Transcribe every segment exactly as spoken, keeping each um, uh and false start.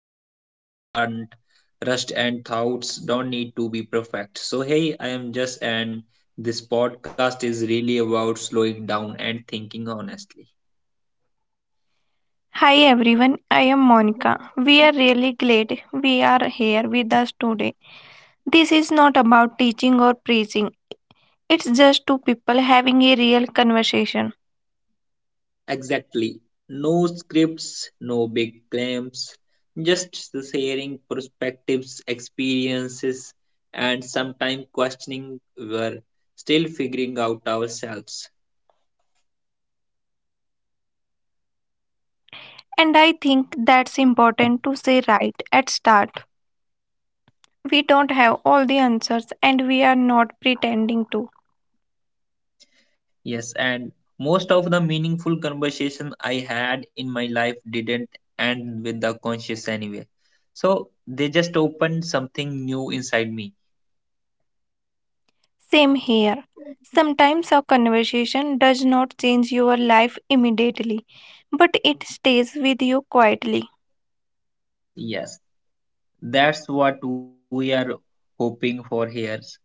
conversations aren't rushed and thoughts don't need to be perfect. So, hey, I am just, and this podcast is really about slowing down and thinking honestly. Hi everyone, I am Monica. We are really glad we are here with us today. This is not about teaching or preaching, it's just two people having a real conversation. Exactly. No scripts, no big claims, just the sharing perspectives, experiences, and sometimes questioning. We're still figuring out ourselves. And I think that's important to say right at start. We don't have all the answers and we are not pretending to. Yes, and most of the meaningful conversation I had in my life didn't end with the conscious anyway. So they just opened something new inside me. Same here. Sometimes a conversation does not change your life immediately, but it stays with you quietly. Yes, that's what we are hoping for here.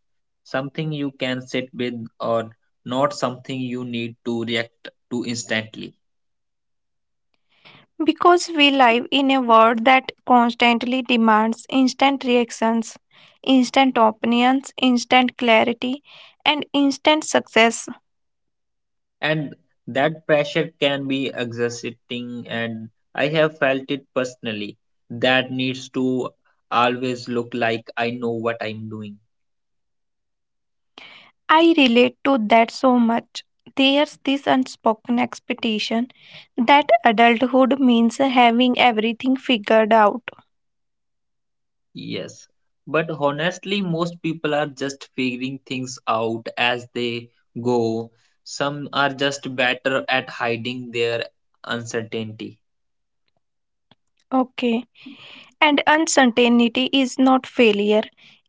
Something you can sit with or not something you need to react to instantly. Because we live in a world that constantly demands instant reactions, instant opinions, instant clarity, and instant success. And that pressure can be exhausting, and I have felt it personally, that needs to always look like I know what I'm doing. I relate to that so much. There's this unspoken expectation that adulthood means having everything figured out. Yes, but honestly most people are just figuring things out as they go. Some are just better at hiding their uncertainty. Okay. And uncertainty is not failure,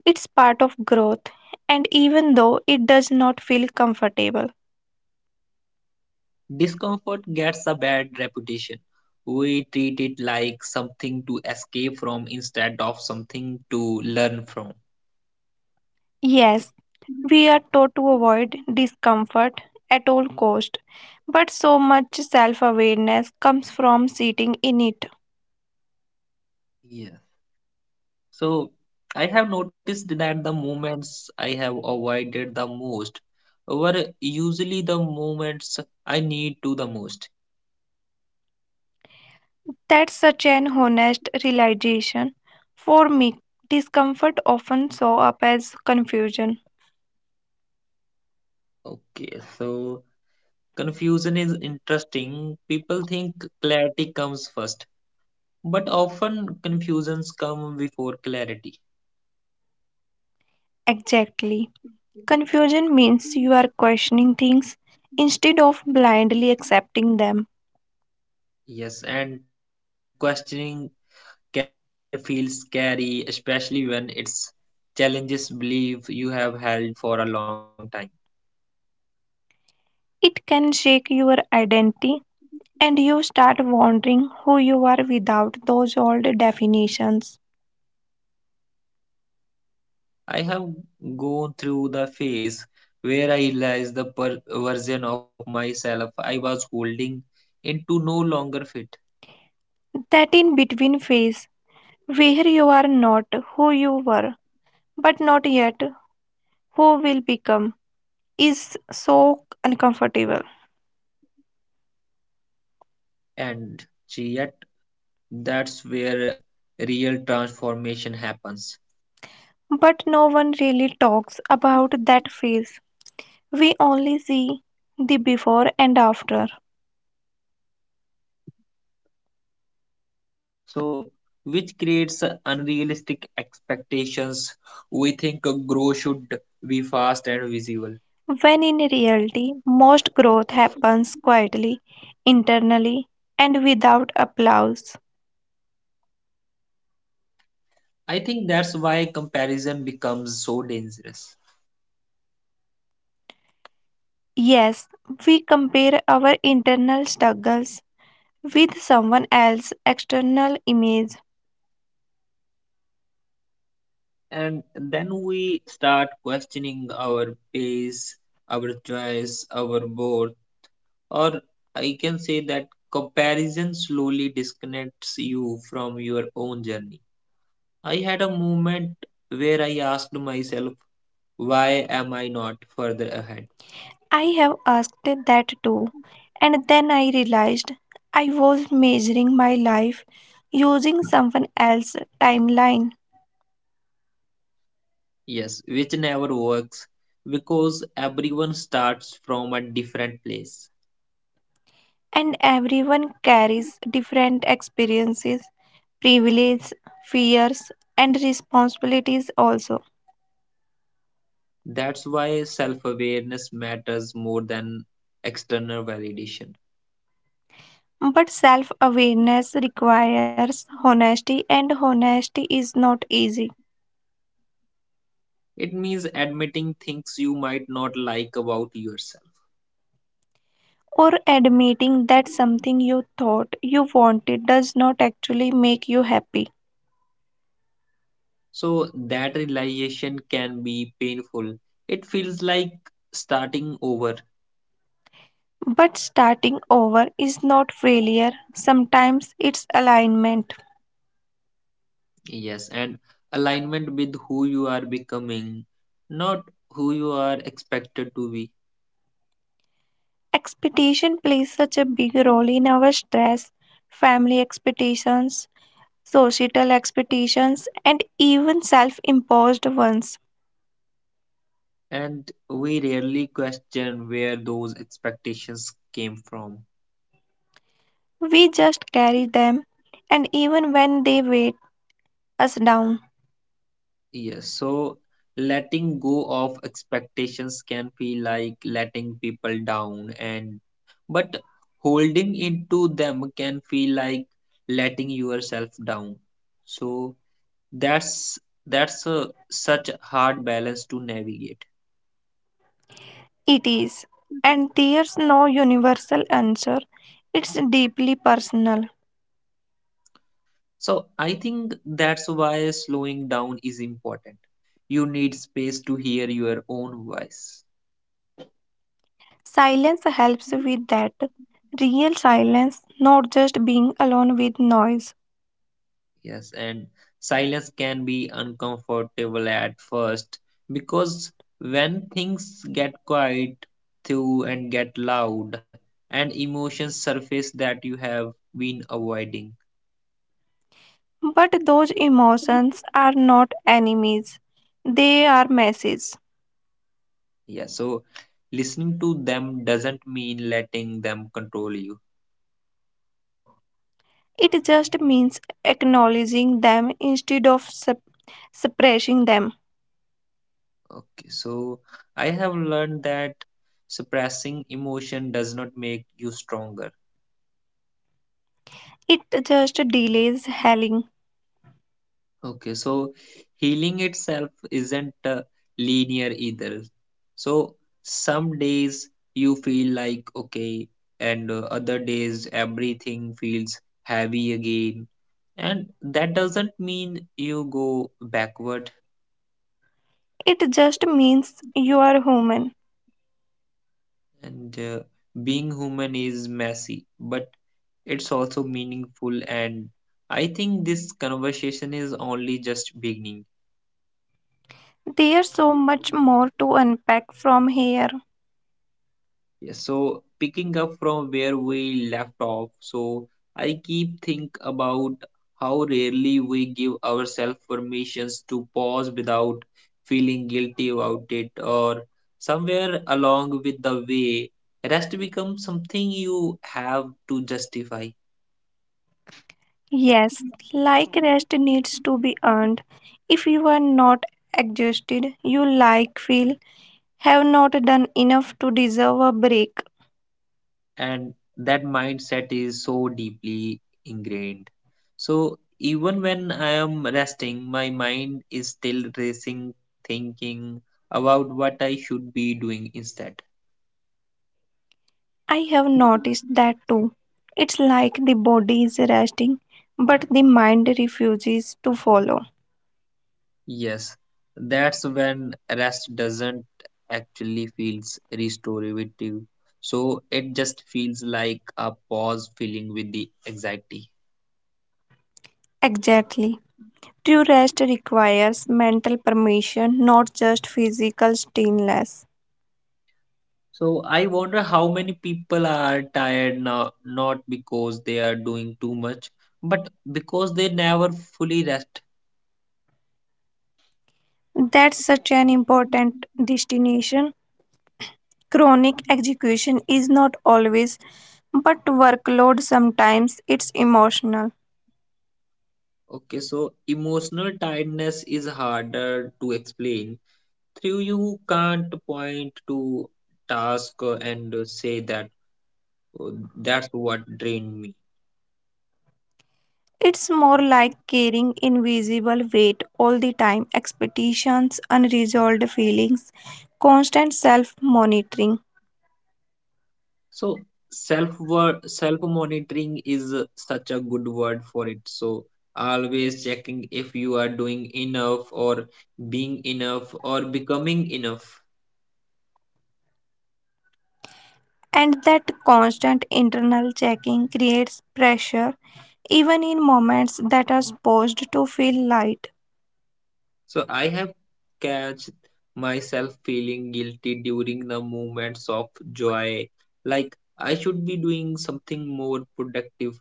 it's part of growth. And even though it does not feel comfortable, Discomfort gets a bad reputation. We treat it like something to escape from instead of something to learn from. yes, we are taught to avoid discomfort at all cost, but so much self-awareness comes from sitting in it. Yes. So I have noticed that the moments I have avoided the most were usually the moments I need to the most. That's such an honest realization. For me, discomfort often shows up as confusion. Okay, so confusion is interesting. People think clarity comes first, but often confusions come before clarity. Exactly. Confusion means you are questioning things instead of blindly accepting them. Yes, and questioning can feel scary, especially when it's challenges believe you have held for a long time. It can shake your identity and you start wondering who you are without those old definitions. I have gone through the phase where I realized the per- version of myself I was holding into no longer fit, That in between phase, where you are not who you were, but not yet who will become, is so uncomfortable. and yet that's where real transformation happens. But no one really talks about that phase. We only see the before and after, So, which creates unrealistic expectations. We think growth should be fast and visible. when in reality, most growth happens quietly, internally, and without applause. I think that's why comparison becomes so dangerous. Yes, we compare our internal struggles with someone else's external image. And then we start questioning our pace, our choice, our worth, or I can say that comparison slowly disconnects you from your own journey. I had a moment where I asked myself, why am I not further ahead? I have asked that too, and then I realized I was measuring my life using someone else's timeline. Yes, which never works because everyone starts from a different place. And everyone carries different experiences, privileges, fears, and responsibilities also. That's why self awareness matters more than external validation. But self awareness requires honesty, and honesty is not easy. It means admitting things you might not like about yourself. Or admitting that something you thought you wanted does not actually make you happy. So, that realization can be painful. It feels like starting over, But starting over is not failure, sometimes it's alignment. yes, and alignment with who you are becoming, not who you are expected to be. Expectation plays such a big role in our stress, family expectations, societal expectations, and even self imposed ones. And we rarely question where those expectations came from. We just carry them, and even when they weigh us down, Yes, so letting go of expectations can feel like letting people down, and but holding into them can feel like letting yourself down. So that's that's a, such a hard balance to navigate. it is. And there's no universal answer, it's deeply personal. So I think that's why slowing down is important. You need space to hear your own voice. Silence helps with that. Real silence, not just being alone with noise. Yes, and silence can be uncomfortable at first because when things get quiet through and get loud and emotions surface that you have been avoiding. But those emotions are not enemies, they are messages. Yeah, so listening to them doesn't mean letting them control you. It just means acknowledging them instead of sup- suppressing them. Okay, so I have learned that suppressing emotion does not make you stronger. It just delays healing. Okay, so healing itself isn't uh, linear either. So some days you feel like okay, and uh, other days everything feels heavy again. And that doesn't mean you go backward. It just means you are human. And uh, being human is messy, but it's also meaningful. And I think this conversation is only just beginning. There's so much more to unpack from here. Yeah, so picking up from where we left off, so I keep think about how rarely we give ourselves permissions to pause without feeling guilty about it, or somewhere along with the way, rest becomes something you have to justify. Yes, like rest needs to be earned. If you are not exhausted, you like feel have not done enough to deserve a break. And that mindset is so deeply ingrained. So even when I am resting, my mind is still racing, thinking about what I should be doing instead. I have noticed that too. It's like the body is resting, but the mind refuses to follow. Yes, that's when rest doesn't actually feels restorative. So it just feels like a pause filling with the anxiety. Exactly. True rest requires mental permission, not just physical stillness. So I wonder how many people are tired now, not because they are doing too much, but because they never fully rest. That's such an important destination. Chronic execution is not always, but workload sometimes it's emotional. Okay, so emotional tiredness is harder to explain. Through you can't point to task uh, and uh, say that, "Oh, that's what drained me." It's more like carrying invisible weight all the time, expectations, unresolved feelings, constant self monitoring. So self word self monitoring is uh, such a good word for it. So always checking if you are doing enough or being enough or becoming enough. And that constant internal checking creates pressure even in moments that are supposed to feel light. So I have catch myself feeling guilty during the moments of joy, like I should be doing something more productive.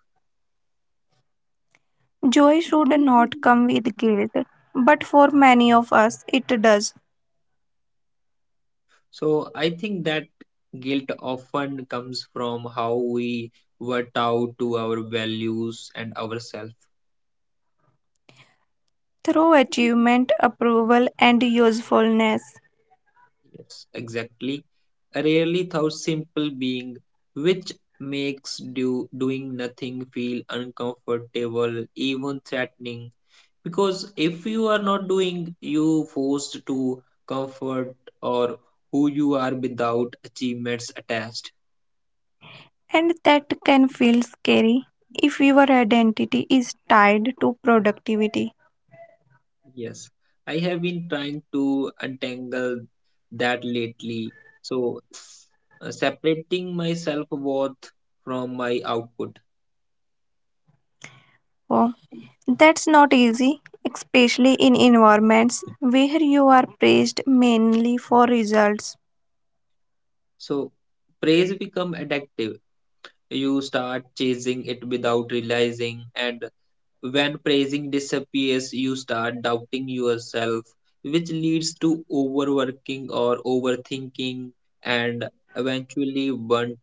Joy should not come with guilt, but for many of us it does. So I think that guilt often comes from how we were taught to our values and ourselves. Through achievement, approval, and usefulness. Yes, exactly. Rarely thought simple being, which makes do, doing nothing feel uncomfortable, even threatening. Because if you are not doing, you forced to comfort or who you are without achievements attached. And that can feel scary if your identity is tied to productivity. Yes, I have been trying to untangle that lately. So, s- uh, separating my self worth from my output. Oh, that's not easy, especially in environments where you are praised mainly for results. So praise become addictive. You start chasing it without realizing, and when praising disappears, you start doubting yourself, which leads to overworking or overthinking and eventually burnt.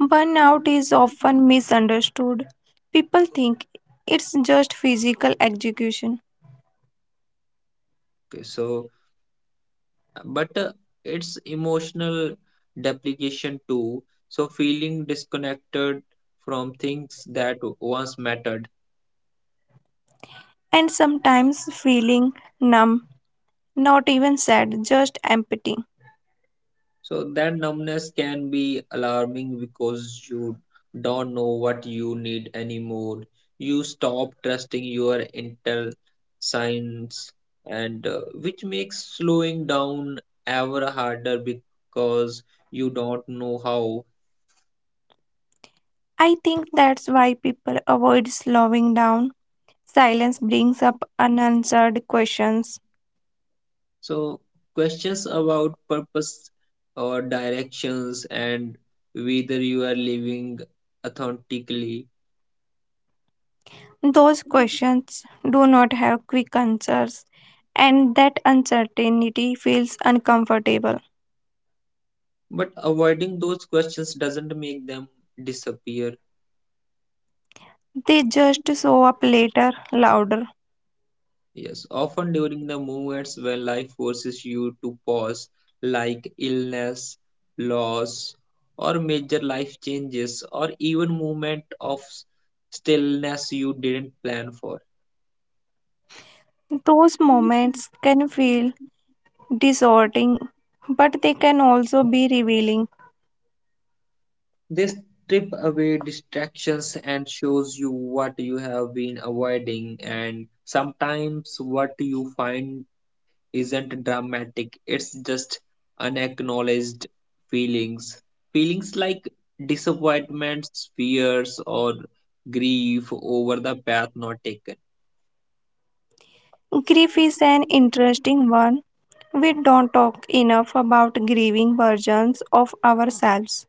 Burnout is often misunderstood. People think it's just physical execution, Okay, so, but uh, it's emotional depreciation too. So feeling disconnected from things that once mattered. and sometimes feeling numb, not even sad, just empty. So that numbness can be alarming because you don't know what you need anymore. You stop trusting your inner signs, and uh, which makes slowing down ever harder because you don't know how. I think that's why people avoid slowing down. Silence brings up unanswered questions. So questions about purpose or directions and whether you are living authentically. Those questions do not have quick answers, and that uncertainty feels uncomfortable. But avoiding those questions doesn't make them disappear. They just show up later, louder. Yes, often during the moments when life forces you to pause, like illness, loss, or major life changes, or even moment of s- stillness you didn't plan for. Those moments can feel disorienting, but they can also be revealing. They strip away distractions and shows you what you have been avoiding, and sometimes what you find isn't dramatic, it's just unacknowledged feelings. Feelings like disappointments, fears, or grief over the path not taken. Grief is an interesting one. We don't talk enough about grieving versions of ourselves.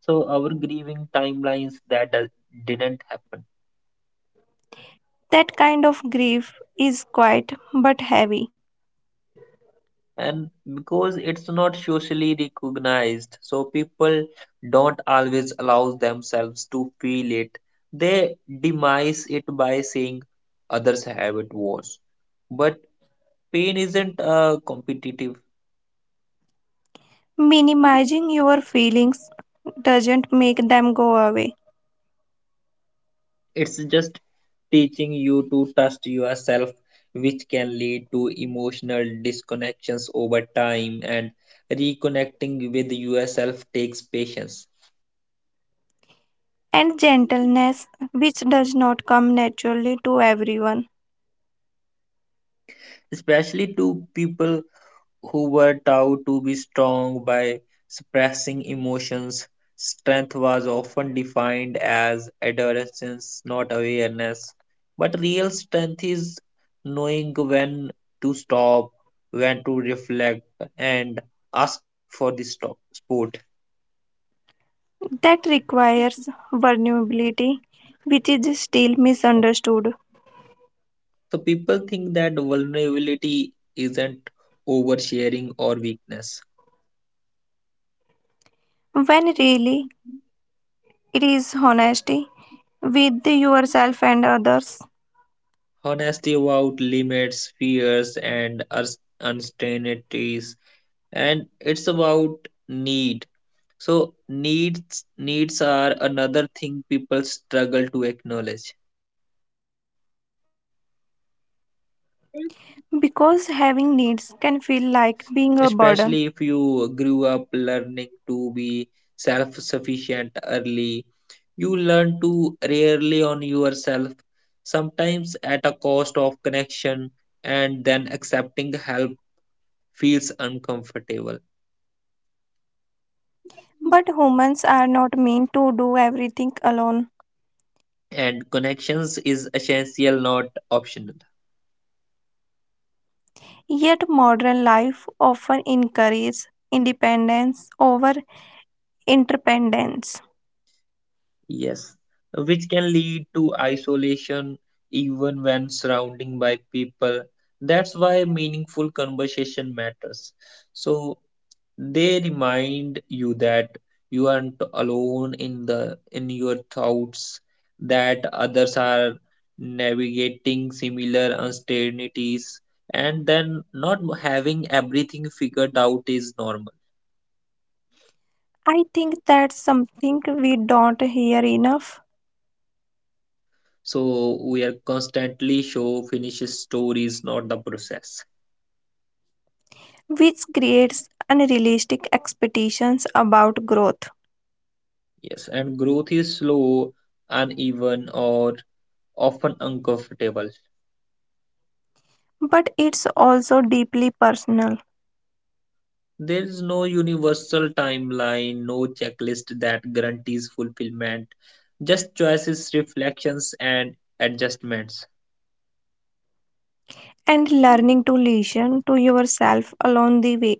So, our grieving timelines that does, didn't happen. That kind of grief is quiet but heavy. And because it's not socially recognized, so people don't always allow themselves to feel it. They demise it by saying others have it worse, but pain isn't uh, competitive. Minimizing your feelings doesn't make them go away. It's just teaching you to trust yourself, which can lead to emotional disconnections over time, and reconnecting with yourself takes patience, And gentleness, which does not come naturally to everyone, especially to people who were taught to be strong by suppressing emotions. Strength was often defined as adolescence, not awareness. But real strength is knowing when to stop, when to reflect, and ask for the stop, support. that requires vulnerability, which is still misunderstood. So people think that vulnerability isn't oversharing or weakness. When really it is honesty with yourself and others, Honesty about limits, fears, and ars- uncertainties, and it's about need. So needs needs are another thing people struggle to acknowledge, because having needs can feel like being a burden. especially if you grew up learning to be self sufficient early. You learn to rarely on yourself, sometimes at a cost of connection, and then accepting help feels uncomfortable. But humans are not meant to do everything alone. And connections is essential, not optional. Yet modern life often encourages independence over interdependence. Yes, which can lead to isolation even when surrounding by people. That's why meaningful conversation matters. So they remind you that you aren't alone in the in your thoughts, that others are navigating similar uncertainties, and then not having everything figured out is normal. I think that's something we don't hear enough, So we are constantly show finished stories, not the process. which creates unrealistic expectations about growth. Yes, and growth is slow, uneven, or often uncomfortable. But it's also deeply personal, There is no universal timeline, no checklist that guarantees fulfillment, just choices, reflections, and adjustments. and learning to listen to yourself along the way.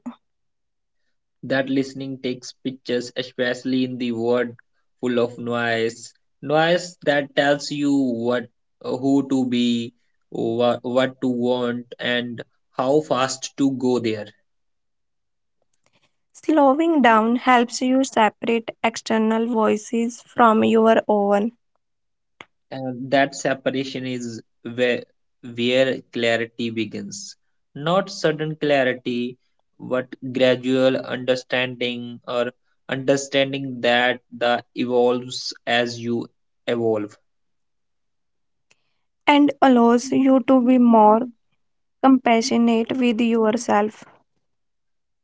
That listening takes pictures, especially in the world full of noise. Noise that tells you what, who to be, what, what to want, and how fast to go there. Slowing down helps you separate external voices from your own And that separation is where, where clarity begins. Not sudden clarity, but gradual understanding or understanding that the evolves as you evolve. and allows you to be more compassionate with yourself,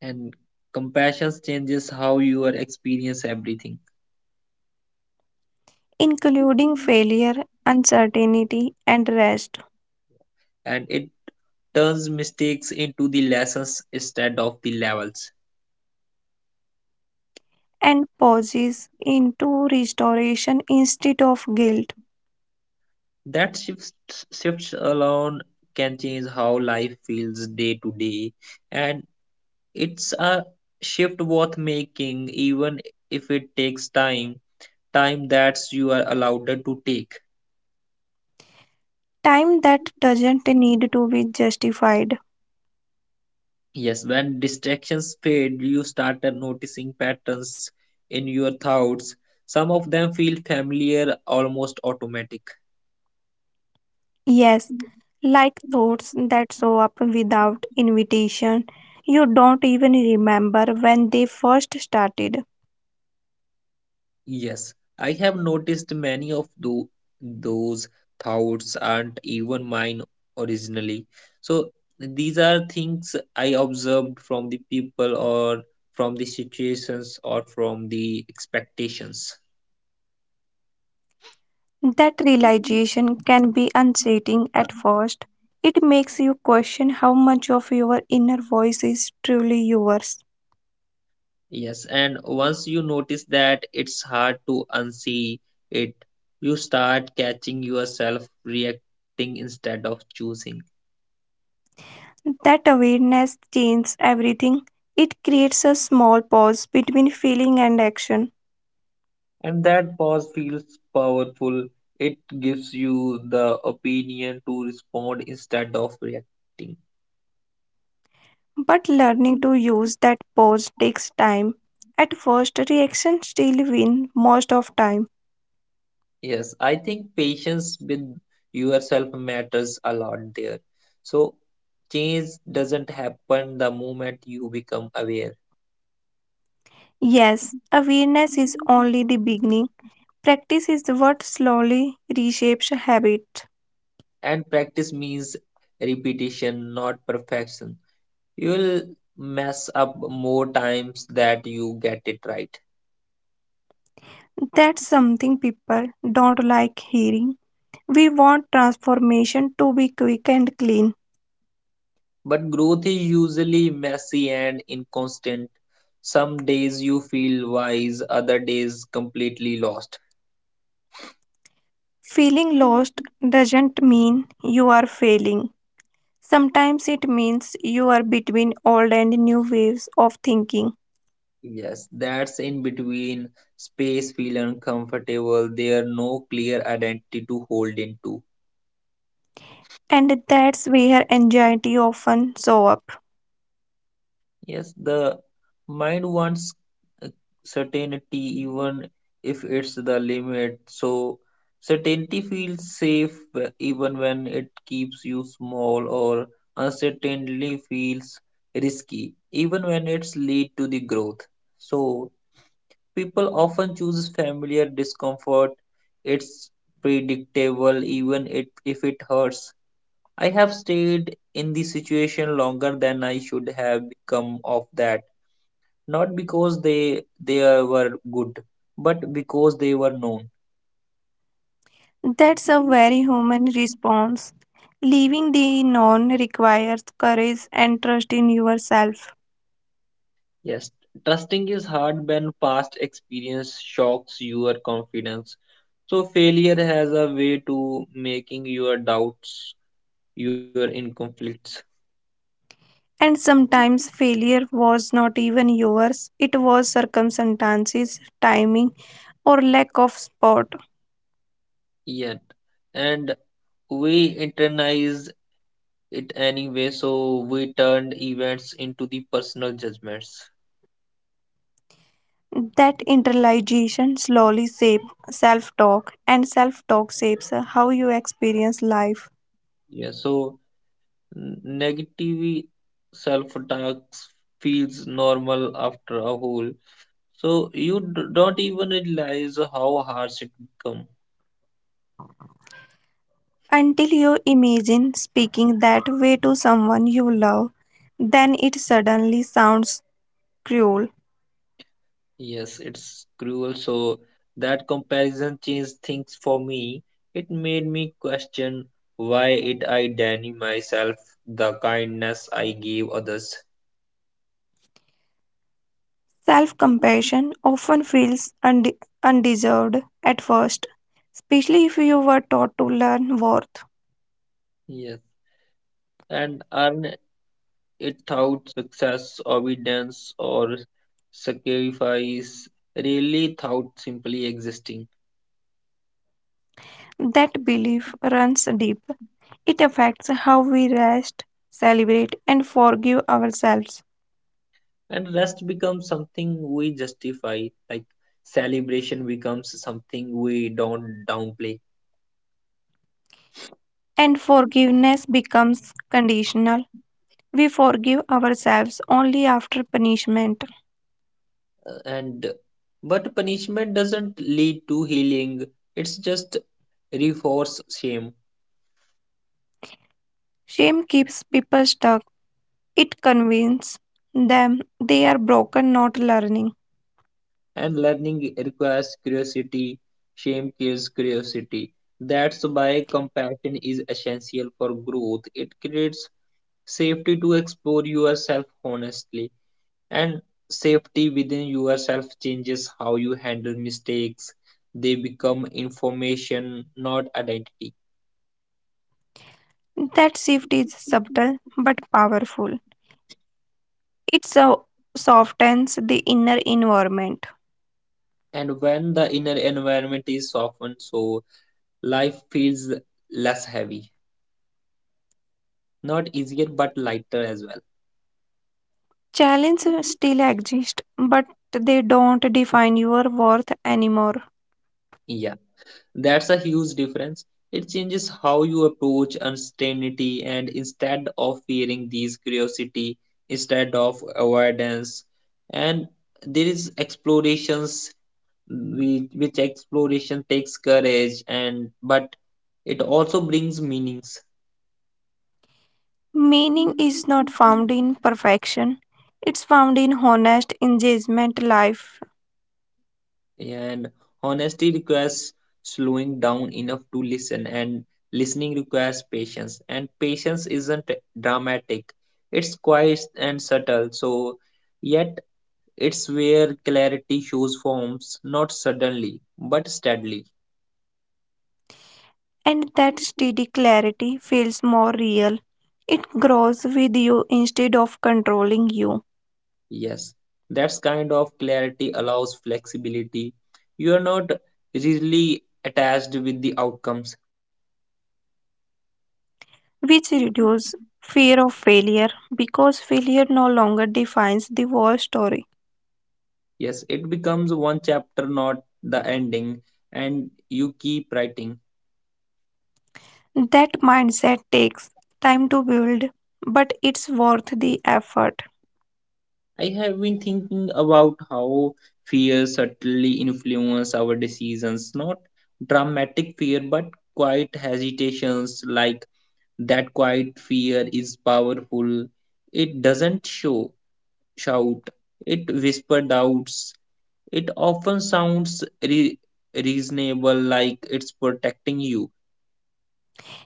And compassion changes how you are experience everything. including failure, uncertainty, and rest, And it turns mistakes into the lessons instead of the levels. and pauses into restoration instead of guilt. That shifts, Shifts alone can change how life feels day to day, and it's a shift worth making, even if it takes time, time that you are allowed to take. Time that doesn't need to be justified. Yes, when distractions fade, you started noticing patterns in your thoughts. Some of them feel familiar, almost automatic. Yes, like thoughts that show up without invitation. You don't even remember when they first started. Yes, I have noticed many of tho- those thoughts aren't even mine originally. So these are things I observed from the people or from the situations or from the expectations. That realization can be unsettling at first. It makes you question how much of your inner voice is truly yours. Yes, and once you notice that it's hard to unsee it, you start catching yourself reacting instead of choosing. That awareness changes everything. It creates a small pause between feeling and action. And that pause feels powerful. It gives you the opinion to respond instead of reacting. But learning to use that pause takes time. At first, reactions still win most of time. Yes, I think patience with yourself matters a lot there. So, change doesn't happen the moment you become aware. Yes, awareness is only the beginning. Practice is what slowly reshapes habit. And practice means repetition, not perfection. You'll mess up more times that you get it right. That's something people don't like hearing. We want transformation to be quick and clean. But growth is usually messy and inconstant. Some days you feel wise, other days completely lost. Feeling lost doesn't mean you are failing. Sometimes it means you are between old and new ways of thinking. Yes, that's in between space feel uncomfortable. There are no clear identity to hold into. And that's where anxiety often show up. Yes, the mind wants uh, certainty even if it's the limit. So, certainty feels safe uh, even when it keeps you small, or uncertainty feels risky even when it's lead to the growth. So, people often choose familiar discomfort. It's predictable even it if it hurts. I have stayed in the situation longer than I should have become of that, not because they they uh, were good, but because they were known. That's a very human response. Leaving the known requires courage and trust in yourself. Yes, trusting is hard when past experience shocks your confidence. So failure has a way to making your doubts, your in conflicts. And sometimes failure was not even yours, it was circumstances, timing, or lack of sport. Yet, and we internalize it anyway, so we turned events into the personal judgments. That internalization slowly shapes self talk, and self talk shapes how you experience life. Yeah, so negative self-talk feels normal after a whole. So you d- don't even realize how harsh it become. Until you imagine speaking that way to someone you love, then it suddenly sounds cruel. Yes, it's cruel. So that comparison changed things for me. It made me question why it I deny myself the kindness I gave others. Self compassion often feels unde- undeserved at first, especially if you were taught to learn worth. Yes, and earn it out success, obedience, or sacrifice really thought simply existing. That belief runs deep. It affects how we rest, celebrate, and forgive ourselves. And rest becomes something we justify, like celebration becomes something we don't downplay. And forgiveness becomes conditional. We forgive ourselves only after punishment. Uh, and But punishment doesn't lead to healing, it's just reinforce shame. Shame keeps people stuck. It convinces them they are broken, not learning. And learning requires curiosity. Shame kills curiosity. That's why compassion is essential for growth. It creates safety to explore yourself honestly, and safety within yourself changes how you handle mistakes. They become information, not identity. That shift is subtle but powerful. It so- softens the inner environment. And when the inner environment is softened, so life feels less heavy, not easier but lighter as well. Challenges still exist, but they don't define your worth anymore. Yeah, that's a huge difference. It changes how you approach uncertainty, and instead of fearing these curiosity instead of avoidance, and there is explorations, which, which exploration takes courage, and but it also brings meanings. Meaning is not found in perfection, it's found in honest engagement life, And honesty requires slowing down enough to listen, and listening requires patience, and patience isn't dramatic, it's quiet and subtle, so yet it's where clarity shows forms not suddenly but steadily. and that steady clarity feels more real. It grows with you instead of controlling you, Yes, that's kind of clarity allows flexibility. You are not really attached with the outcomes. which reduces fear of failure because failure no longer defines the war story. Yes, it becomes one chapter, not the ending, and you keep writing. That mindset takes time to build, but it's worth the effort. I have been thinking about how fear subtly influence our decisions, not dramatic fear, but quiet hesitations like that quiet fear is powerful. It doesn't show shout, it whisper doubts. It often sounds re- reasonable, like it's protecting you,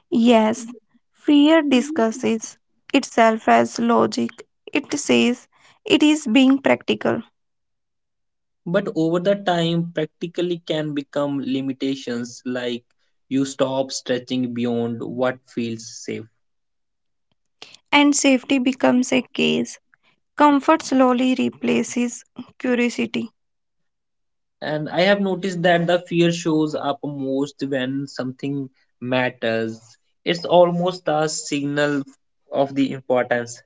Yes, fear discusses itself as logic. It says it is being practical, but over the time, practically can become limitations, like you stop stretching beyond what feels safe. and safety becomes a case. Comfort slowly replaces curiosity. And I have noticed that the fear shows up most when something matters. It's almost a signal of the importance.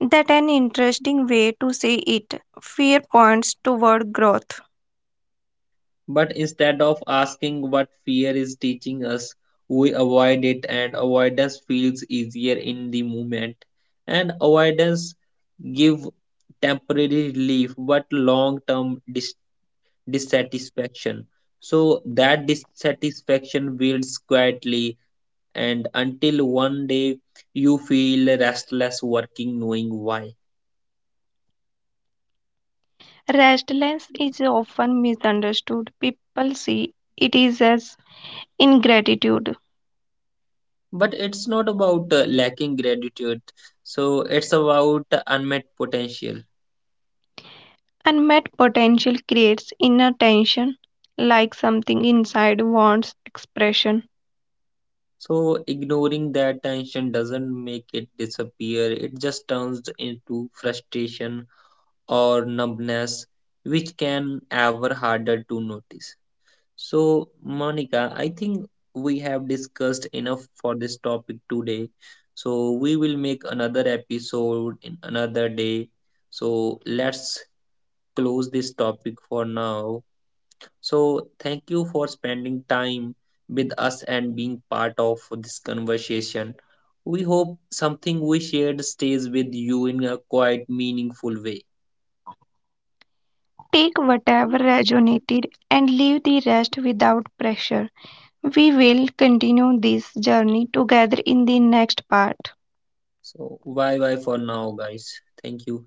That an interesting way to say it. Fear points toward growth. But instead of asking what fear is teaching us, we avoid it, and avoidance feels easier in the moment. And avoidance give temporary relief but long term dis- dissatisfaction. So that dissatisfaction builds quietly, and until one day you feel restless working, knowing why. Restlessness is often misunderstood. People see it is as ingratitude. But it's not about uh, lacking gratitude, so it's about unmet potential. Unmet potential creates inner tension, like something inside wants expression. So ignoring that tension doesn't make it disappear. It just turns into frustration or numbness, which can ever harder to notice. So Monica, I think we have discussed enough for this topic today. So we will make another episode in another day. So let's close this topic for now. So, thank you for spending time with us and being part of this conversation. We hope something we shared stays with you in a quite meaningful way. Take whatever resonated and leave the rest without pressure. We will continue this journey together in the next part. So, bye bye for now, guys. Thank you.